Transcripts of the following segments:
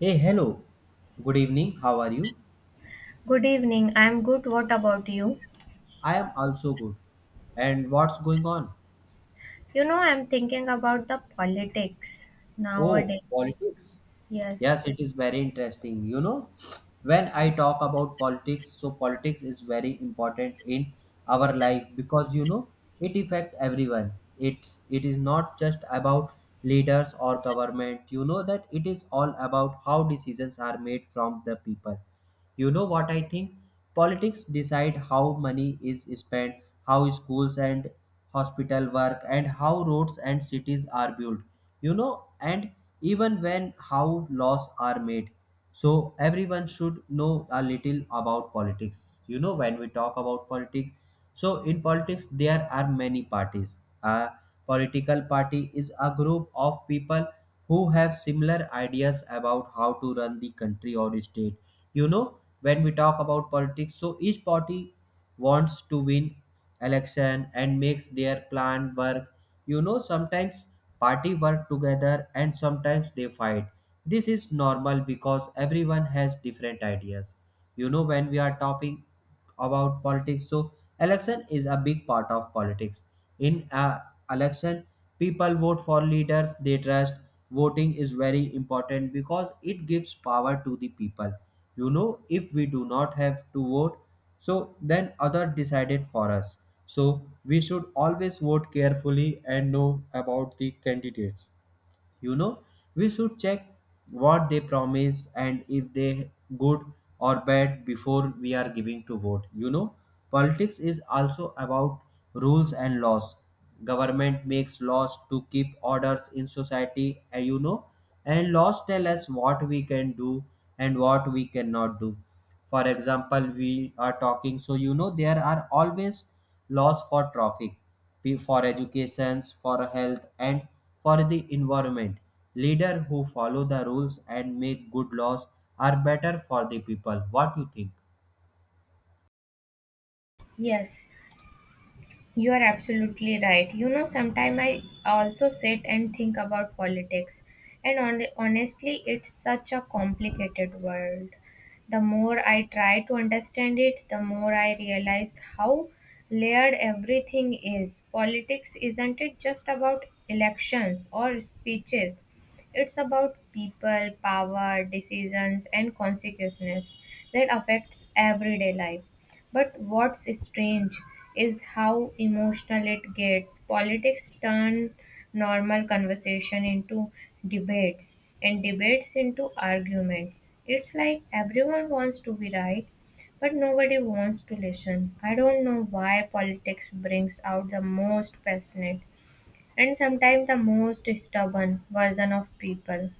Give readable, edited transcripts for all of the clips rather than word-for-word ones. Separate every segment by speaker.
Speaker 1: Hey, hello. Good evening. How are you?
Speaker 2: Good evening. I'm good. What about you?
Speaker 1: I am also good. And what's going on?
Speaker 2: You know, I'm thinking about the politics
Speaker 1: Oh,
Speaker 2: nowadays.
Speaker 1: politics.
Speaker 2: Yes.
Speaker 1: Yes, it is very interesting. You know, when I talk about politics, so politics is very important in our life because you know it affect everyone. It is not just about leaders or government. You know that it is all about how decisions are made from the people. You know what I think, politics decide how money is spent, how schools and hospital work, and how roads and cities are built, you know, and even when how laws are made. So everyone should know a little about politics. You know, when we talk about politics, so in politics there are many parties. A political party is a group of people who have similar ideas about how to run the country or state. You know, when we talk about politics, so each party wants to win election and makes their plan work. You know, sometimes party work together and sometimes they fight. This is normal because everyone has different ideas. You know, when we are talking about politics, so election is a big part of politics. In a election, people vote for leaders they trust. Voting is very important because it gives power to the people. You know, if we do not have to vote, so then other decided for us. So we should always vote carefully and know about the candidates. You know, we should check what they promise and if they good or bad before we are giving to vote. You know, politics is also about rules and laws. Government makes laws to keep orders in society, and you know, and laws tell us what we can do and what we cannot do. For example, we are talking, so you know there are always laws for traffic, for education, for health, and for the environment. Leaders who follow the rules and make good laws are better for the people. What do you think?
Speaker 2: Yes. You are absolutely right. You know, sometimes I also sit and think about politics, and honestly, it's such a complicated world. The more I try to understand it, the more I realize how layered everything is. Politics isn't it just about elections or speeches? It's about people, power, decisions, and consequences that affects everyday life. But what's strange is how emotional it gets. Politics turn normal conversation into debates and debates into arguments. It's like everyone wants to be right, but nobody wants to listen. I don't know why politics brings out the most passionate and sometimes the most stubborn version of people.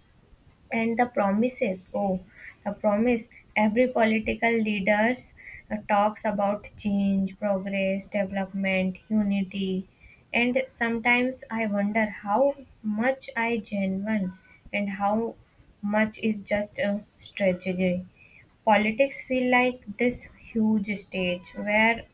Speaker 2: And the promises, oh, the promise. Every political leaders talks about change, progress, development, unity, and sometimes I wonder how much I genuine and how much is just a strategy. Politics feel like this huge stage where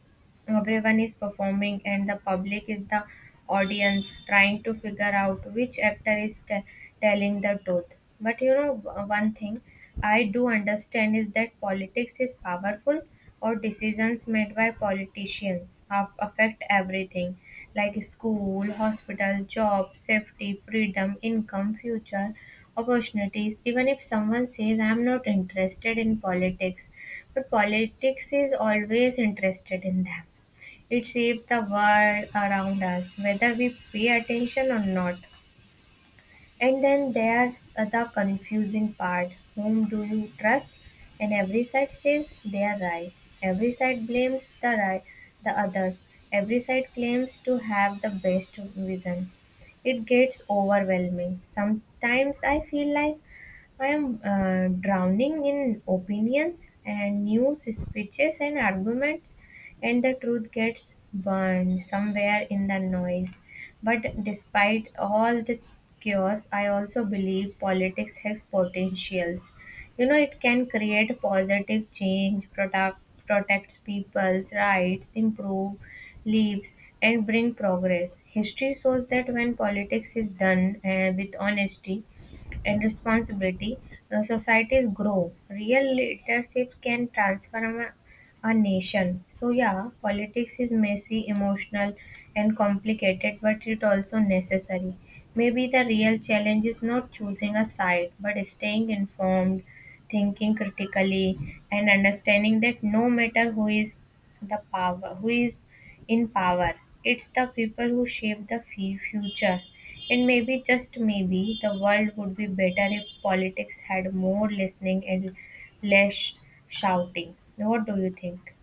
Speaker 2: everyone is performing, and the public is the audience trying to figure out which actor is telling the truth. But you know, one thing I do understand is that politics is powerful, or decisions made by politicians affect everything like school, hospital, job, safety, freedom, income, future, opportunities. Even if someone says, I'm not interested in politics, but politics is always interested in them. It shapes the world around us, whether we pay attention or not. And then there's the confusing part, whom do you trust? And every side says they are right. Every side blames the right, the others. Every side claims to have the best vision. It gets overwhelming. Sometimes I feel like I am drowning in opinions and news, speeches, and arguments, and the truth gets burned somewhere in the noise. But despite all the chaos, I also believe politics has potentials. You know, it can create positive change, product, protects people's rights, improve lives, and bring progress. History shows that when politics is done with honesty, and responsibility, societies grow. Real leadership can transform a nation. So, yeah, politics is messy, emotional, and complicated, but it also necessary. Maybe the real challenge is not choosing a side, but staying informed, thinking critically, and understanding that no matter who is the power, who is in power. It's the people who shape the future. And maybe, just maybe, the world would be better if politics had more listening and less shouting. What do you think?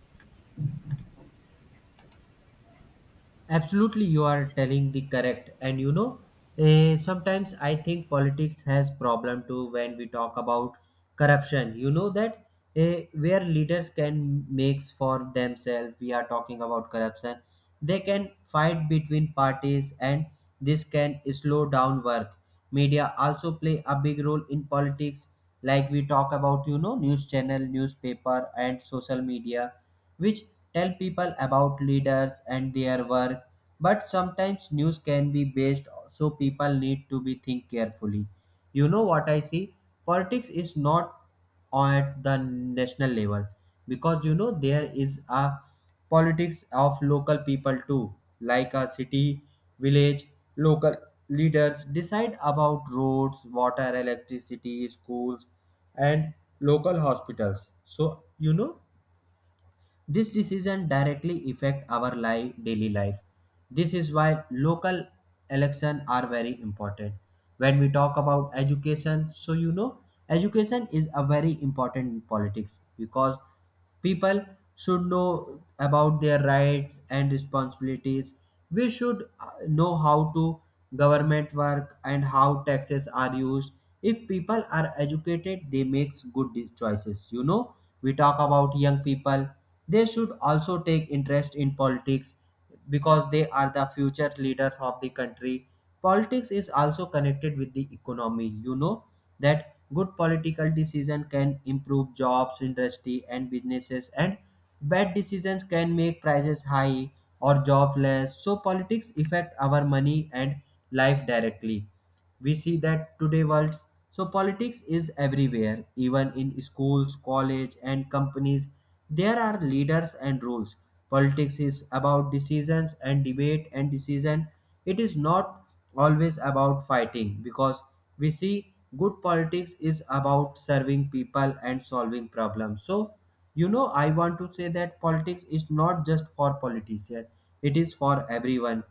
Speaker 1: Absolutely, you are telling the correct. And you know, sometimes I think politics has problem too when we talk about corruption. You know that, where leaders can makes for themselves, we are talking about corruption. They can fight between parties, and this can slow down work. Media also play a big role in politics, like we talk about, you know, news channel, newspaper, and social media, which tell people about leaders and their work, but sometimes news can be based, so people need to be think carefully. You know what I see? Politics is not at the national level because you know there is a politics of local people too, like a city, village, local leaders decide about roads, water, electricity, schools, and local hospitals. So you know this decision directly affect our life, daily life. This is why local elections are very important. When we talk about education, so you know, education is a very important in politics because people should know about their rights and responsibilities. We should know how to government work and how taxes are used. If people are educated, they makes choices. You know, we talk about young people. They should also take interest in politics because they are the future leaders of the country. Politics is also connected with the economy. You know that good political decision can improve jobs, industry, and businesses, and bad decisions can make prices high or jobless. So politics affect our money and life directly. We see that today world. So politics is everywhere, even in schools, college, and companies. There are leaders and rules. Politics is about decisions and debate and decision. It is not always about fighting because we see good politics is about serving people and solving problems. So, you know, I want to say that politics is not just for politicians, it is for everyone.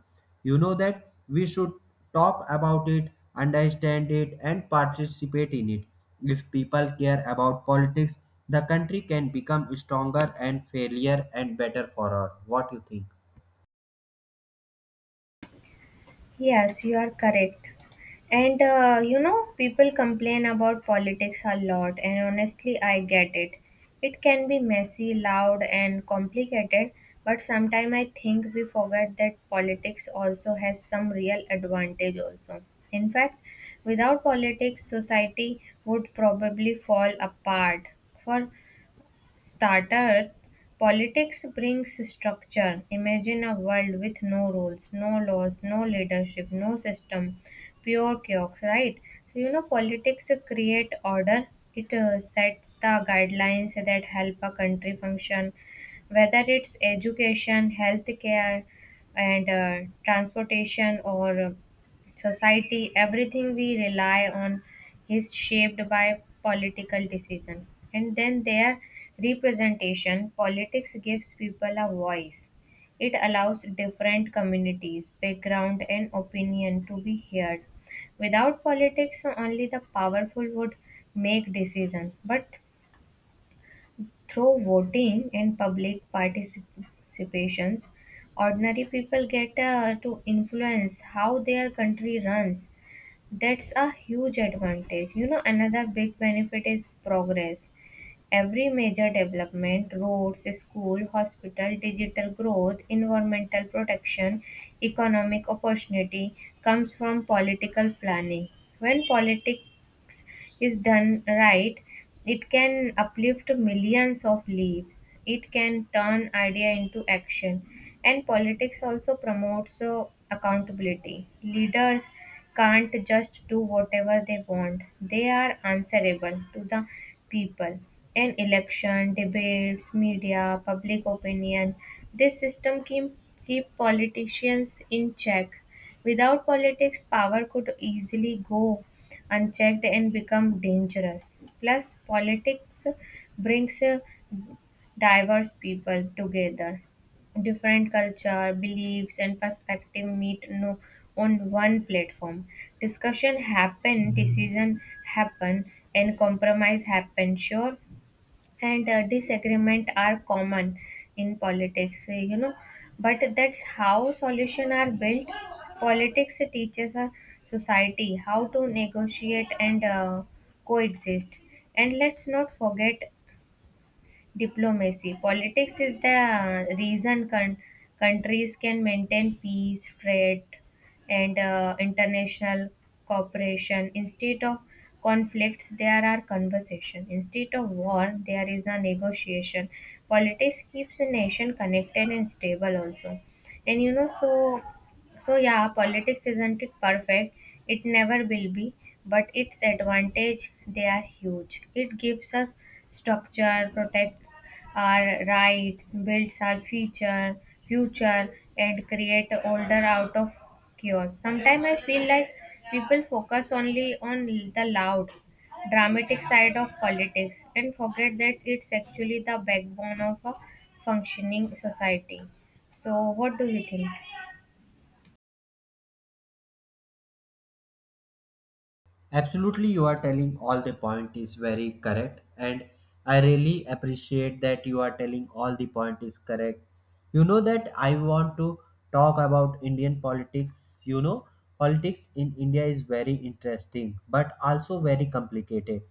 Speaker 1: You know that we should talk about it, understand it, and participate in it. If people care about politics, the country can become stronger and fairlier and better for all. What you think?
Speaker 2: Yes, you are correct. And you know, people complain about politics a lot, and honestly, I get it. It can be messy, loud, and complicated, but sometimes I think we forget that politics also has some real advantage also. In fact, without politics, society would probably fall apart. For starter, politics brings structure. Imagine a world with no rules, no laws, no leadership, no system, pure chaos, right? So, you know, politics create order. It sets the guidelines that help a country function, whether it's education, healthcare, and transportation or society, everything we rely on is shaped by political decision. And then their representation, politics gives people a voice. It allows different communities background and opinion to be heard. Without politics only the powerful would make decisions, but through voting and public participations ordinary people get to influence how their country runs. That's a huge advantage. You know, another big benefit is progress. Every major development, roads, school, hospital, digital growth, environmental protection, economic opportunity comes from political planning. When politics is done right, it can uplift millions of lives. It can turn idea into action. And politics also promotes accountability. Leaders can't just do whatever they want. They are answerable to the people. In election, debates, media, public opinion, this keep politicians in check. Without politics, power could easily go unchecked and become dangerous. Plus, politics brings diverse people together. Different culture, beliefs, and perspective meet no, on one platform. Discussion happen, decision happen, and compromise happen. Sure, and disagreement are common in politics, you know, but that's how solutions are built. Politics teaches a society how to negotiate and coexist. And let's not forget diplomacy. Politics is the reason countries can maintain peace, trade, and international cooperation. Instead of conflicts, there are conversation. Instead of war, there is a negotiation. Politics keeps a nation connected and stable also. And you know, so yeah, politics isn't it perfect. It never will be, but its advantage they are huge. It gives us structure, protects our rights, builds our future, and create order out of chaos. Sometimes I feel like people focus only on the loud, dramatic side of politics and forget that it's actually the backbone of a functioning society. So what do you think?
Speaker 1: Absolutely, you are telling all the point is very correct, and I really appreciate that you are telling all the point is correct. You know that I want to talk about Indian politics. You know, politics in India is very interesting, but also very complicated.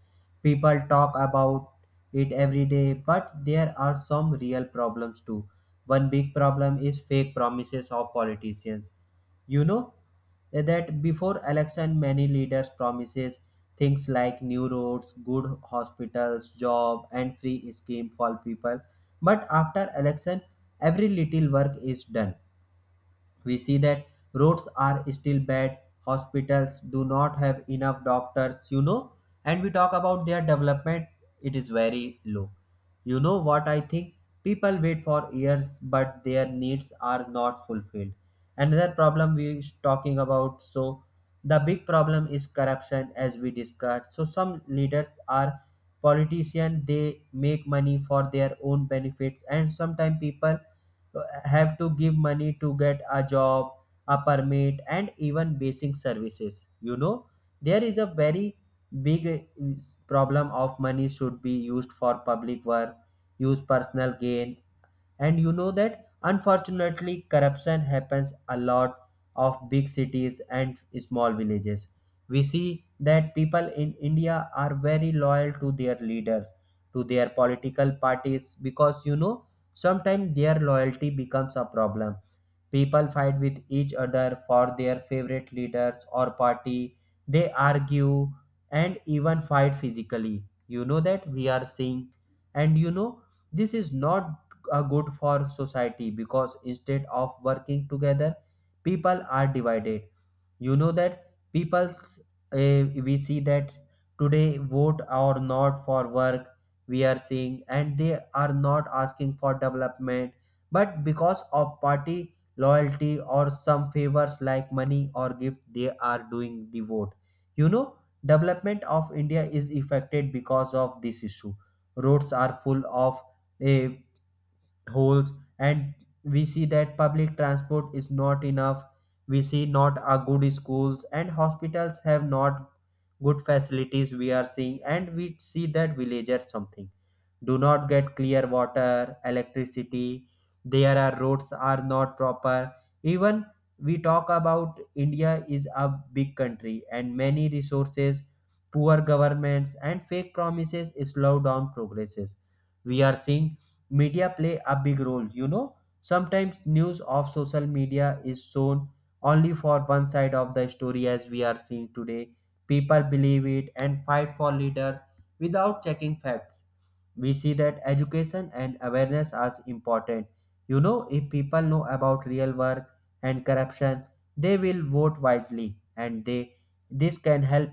Speaker 1: People talk about it every day, but there are some real problems too. One big problem is fake promises of politicians. You know that before election many leaders promises things like new roads, good hospitals, job, and free scheme for people, but after election every little work is done. We see that roads are still bad, hospitals do not have enough doctors, you know, and we talk about their development, it is very low. You know what I think, people wait for years but their needs are not fulfilled. Another problem we is talking about, so the big problem is corruption. As we discussed, so some leaders are politicians, they make money for their own benefits, and sometimes people have to give money to get a job, a permit, and even basic services. You know, there is a very big problem of money should be used for public work, use personal gain, and you know that unfortunately, corruption happens a lot of big cities and small villages. We see that people in India are very loyal to their leaders, to their political parties, because you know sometimes their loyalty becomes a problem. People fight with each other for their favorite leaders or party. They argue and even fight physically. You know that we are seeing. And you know, this is not good for society because instead of working together people are divided. You know that people's, we see that today vote or not for work, we are seeing, and they are not asking for development, but because of party loyalty or some favors like money or gift they are doing the vote. You know, development of India is affected because of this issue. Roads are full of, eh, holes, and we see that public transport is not enough. We see not a good schools, and hospitals have not good facilities, we are seeing, and we see that villagers something do not get clear water, electricity, there are roads are not proper. Even we talk about India is a big country and many resources, poor governments and fake promises slow down progresses, we are seeing. Media play a big role, you know, sometimes news of social media is shown only for one side of the story, as we are seeing today, people believe it and fight for leaders without checking facts. We see that education and awareness are important. You know, if people know about real work and corruption, they will vote wisely, and they this can help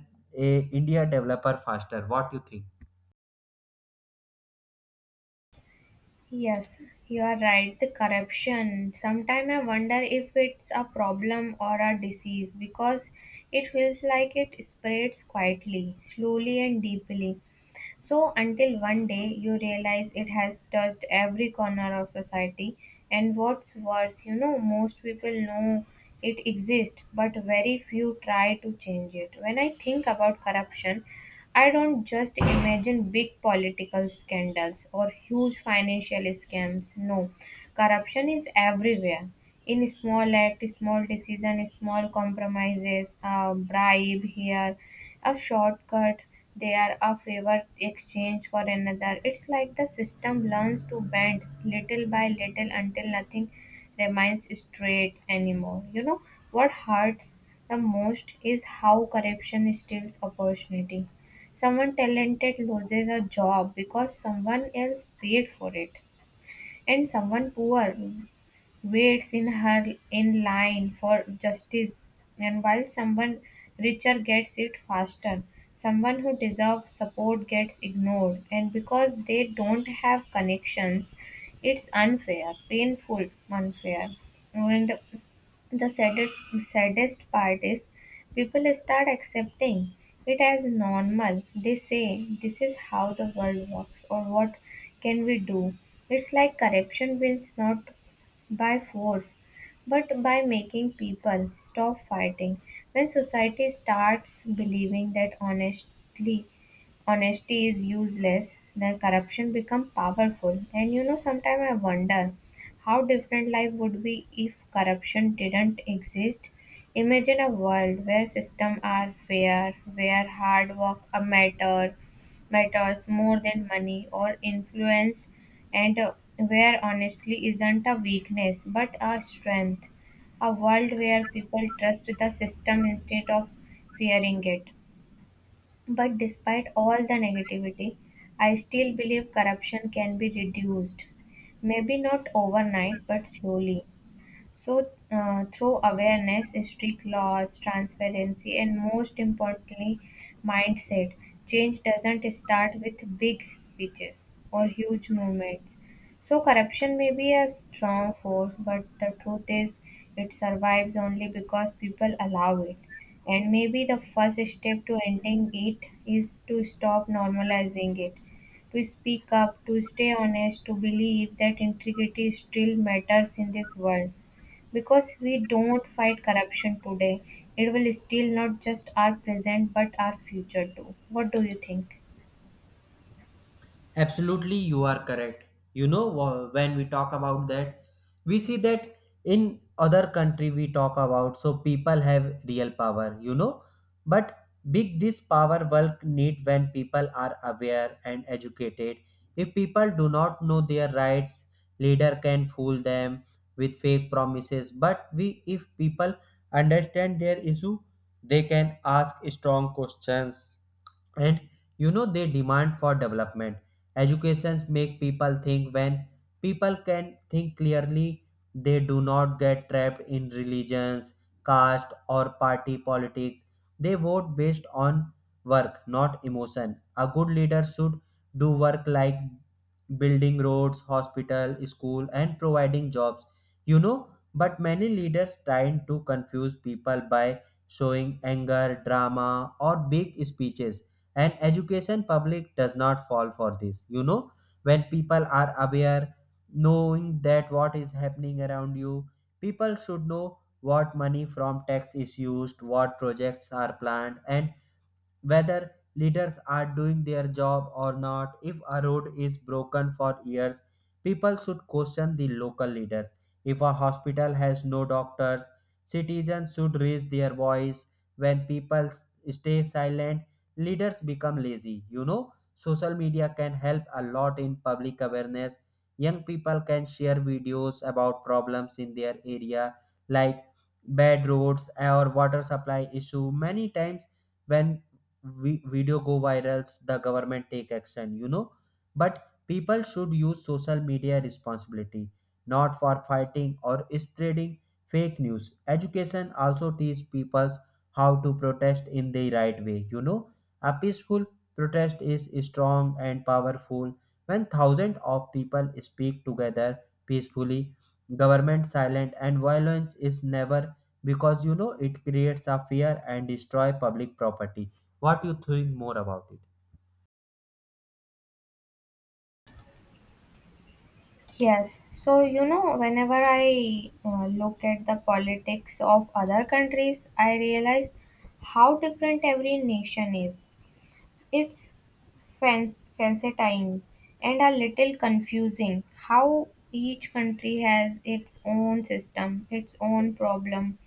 Speaker 1: a India developer faster. What you think?
Speaker 2: Yes, you are right. The corruption. Sometimes I wonder if it's a problem or a disease because it feels like it spreads quietly, slowly, and deeply. So, until one day you realize it has touched every corner of society, and what's worse, you know, most people know it exists, but very few try to change it. When I think about corruption, I don't just imagine big political scandals or huge financial scams. No, corruption is everywhere. In small act, small decision, small compromises, a bribe here, a shortcut, they are a favor exchange for another. It's like the system learns to bend little by little until nothing remains straight anymore. You know, what hurts the most is how corruption steals opportunity. Someone talented loses a job because someone else paid for it, and someone poor waits in line for justice, and while someone richer gets it faster, someone who deserves support gets ignored, and because they don't have connections, it's unfair, painful, unfair. And the saddest part is people start accepting it as normal. They say, this is how the world works, or what can we do? It's like corruption wins not by force, but by making people stop fighting. When society starts believing that honesty is useless, then corruption becomes powerful. And you know, sometimes I wonder how different life would be if corruption didn't exist? Imagine a world where systems are fair, where hard work a matter matters more than money or influence, and where honestly isn't a weakness but a strength. A world where people trust the system instead of fearing it. But despite all the negativity, I still believe corruption can be reduced. Maybe not overnight, but slowly. So, through awareness, strict laws, transparency, and most importantly, mindset, change doesn't start with big speeches or huge movements. So, corruption may be a strong force, but the truth is, it survives only because people allow it. And maybe the first step to ending it is to stop normalizing it, to speak up, to stay honest, to believe that integrity still matters in this world. Because we don't fight corruption today, it will steal not just our present but our future too. What do you think?
Speaker 1: Absolutely, you are correct. You know, when we talk about that, we see that in other country we talk about so people have real power. You know, but big this power work need when people are aware and educated. If people do not know their rights, leader can fool them with fake promises. But we, if people understand their issue, they can ask strong questions and you know they demand for development. Educations make people think. When people can think clearly, they do not get trapped in religions, caste, or party politics. They vote based on work, not emotion. A good leader should do work like building roads, hospital, school, and providing jobs. You know, but many leaders trying to confuse people by showing anger, drama, or big speeches, and education public does not fall for this. You know, when people are aware, knowing that what is happening around you, people should know what money from tax is used, what projects are planned, and whether leaders are doing their job or not. If a road is broken for years, people should question the local leaders. If a hospital has no doctors, citizens should raise their voice. When people stay silent, leaders become lazy. You know, social media can help a lot in public awareness. Young people can share videos about problems in their area, like bad roads or water supply issue. Many times, when video go virals, the government take action. You know, but people should use social media responsibility, not for fighting or spreading fake news. Education also teach people how to protest in the right way. You know, a peaceful protest is strong and powerful. When thousands of people speak together peacefully, government silent, and violence is never, because you know it creates a fear and destroy public property. What do you think more about it?
Speaker 2: Yes. So, you know, whenever I look at the politics of other countries, I realize how different every nation is. It's faceting and a little confusing how each country has its own system, its own problem,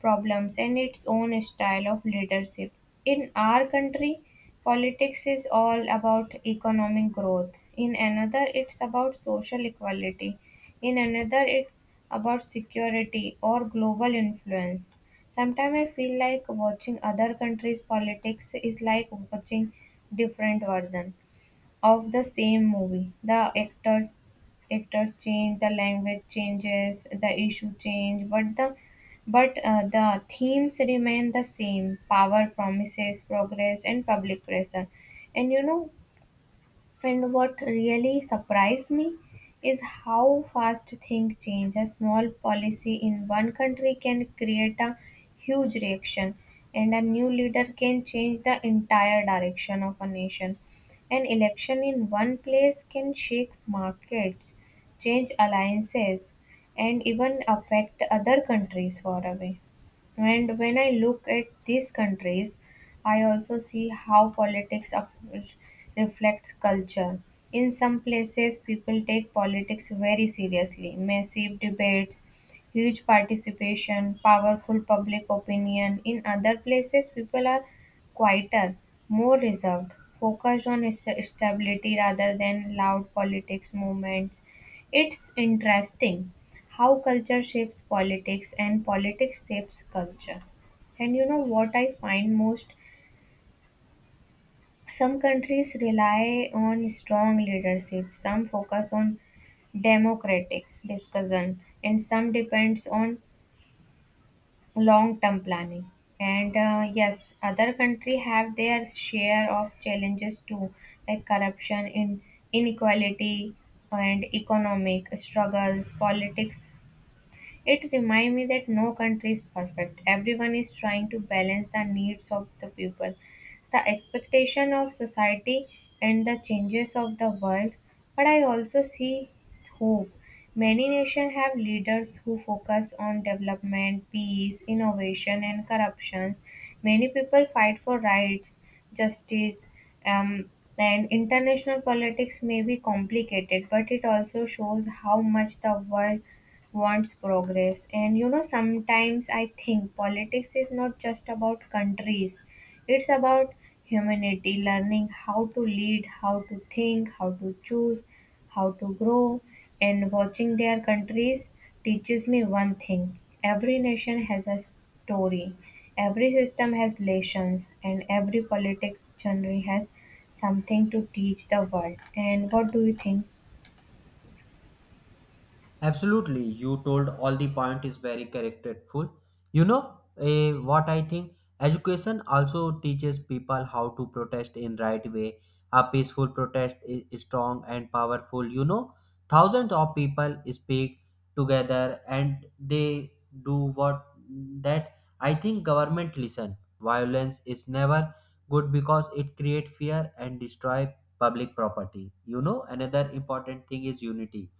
Speaker 2: problems and its own style of leadership. In our country, politics is all about economic growth. In another, it's about social equality. In another, it's about security or global influence. Sometimes I feel like watching other countries' politics is like watching different version of the same movie. The actors change, the language changes, the issue change, but the themes remain the same: power, promises, progress, and public pressure. And you know, and what really surprised me is how fast things change. A small policy in one country can create a huge reaction, and a new leader can change the entire direction of a nation. An election in one place can shake markets, change alliances, and even affect other countries far away. And when I look at these countries, I also see how reflects culture. In some places, people take politics very seriously, massive debates, huge participation, powerful public opinion. In other places, people are quieter, more reserved, focused on stability rather than loud politics movements. It's interesting how culture shapes politics and politics shapes culture. And you know what I find most? Some countries rely on strong leadership, some focus on democratic discussion, and some depends on long-term planning. And yes, other country have their share of challenges too, like corruption, in inequality, and economic struggles. Politics, it reminds me that no country is perfect. Everyone is trying to balance the needs of the people, the expectation of society, and the changes of the world. But I also see hope. Many nations have leaders who focus on development, peace, innovation, and corruption. Many people fight for rights, justice, um, and international politics may be complicated, but it also shows how much the world wants progress. And you know, sometimes I think politics is not just about countries, it's about humanity, learning how to lead, how to think, how to choose, how to grow. And watching their countries teaches me one thing, every nation has a story, every system has lessons, and every politics genre has something to teach the world. And what do you think?
Speaker 1: Absolutely, you told all the point is very characterful. You know, what I think? Education also teaches people how to protest in right way. A peaceful protest is strong and powerful. You know, thousands of people speak together and they do what that I think government listen. Violence is never good because it create fear and destroy public property. You know, another important thing is unity.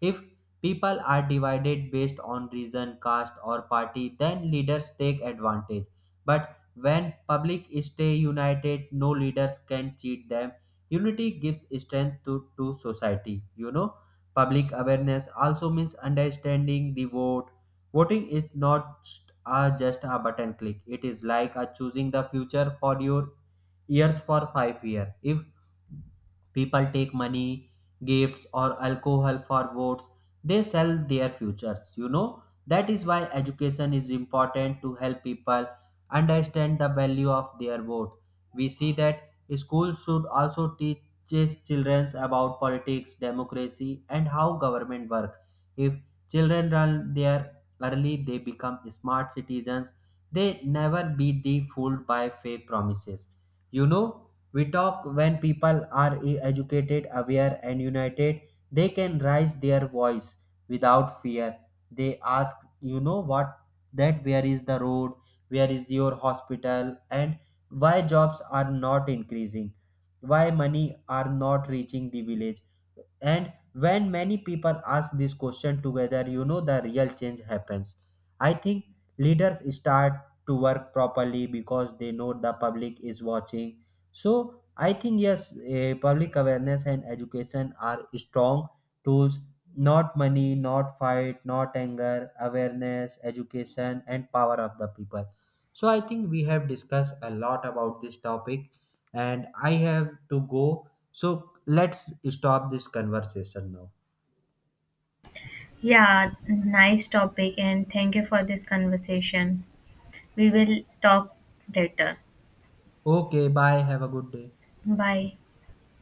Speaker 1: If people are divided based on region, caste, or party, then leaders take advantage. But when public stay united, no leaders can cheat them. Unity gives strength to society. You know, public awareness also means understanding the vote. Voting is not just a button click, it is like a choosing the future for your years for 5 years. If people take money, gifts, or alcohol for votes, they sell their futures. You know, that is why education is important to help people understand the value of their vote. We see that schools should also teach children about politics, democracy, and how government works. If children learn there early, they become smart citizens. They never be the fooled by fake promises. You know, we talk when people are e- educated, aware, and united, they can raise their voice without fear. They ask, you know what, that where is the road, where is your hospital, and why jobs are not increasing, why money are not reaching the village. And when many people ask this question together, you know the real change happens. I think leaders start to work properly because they know the public is watching. So I think yes, public awareness and education are strong tools. Not money, not fight, not anger, awareness, education, and power of the people. So I think we have discussed a lot about this topic, and I have to go, so let's stop this conversation now.
Speaker 2: Yeah, nice topic, and thank you for this conversation. We will talk later.
Speaker 1: Okay, bye. Have a good day.
Speaker 2: Bye.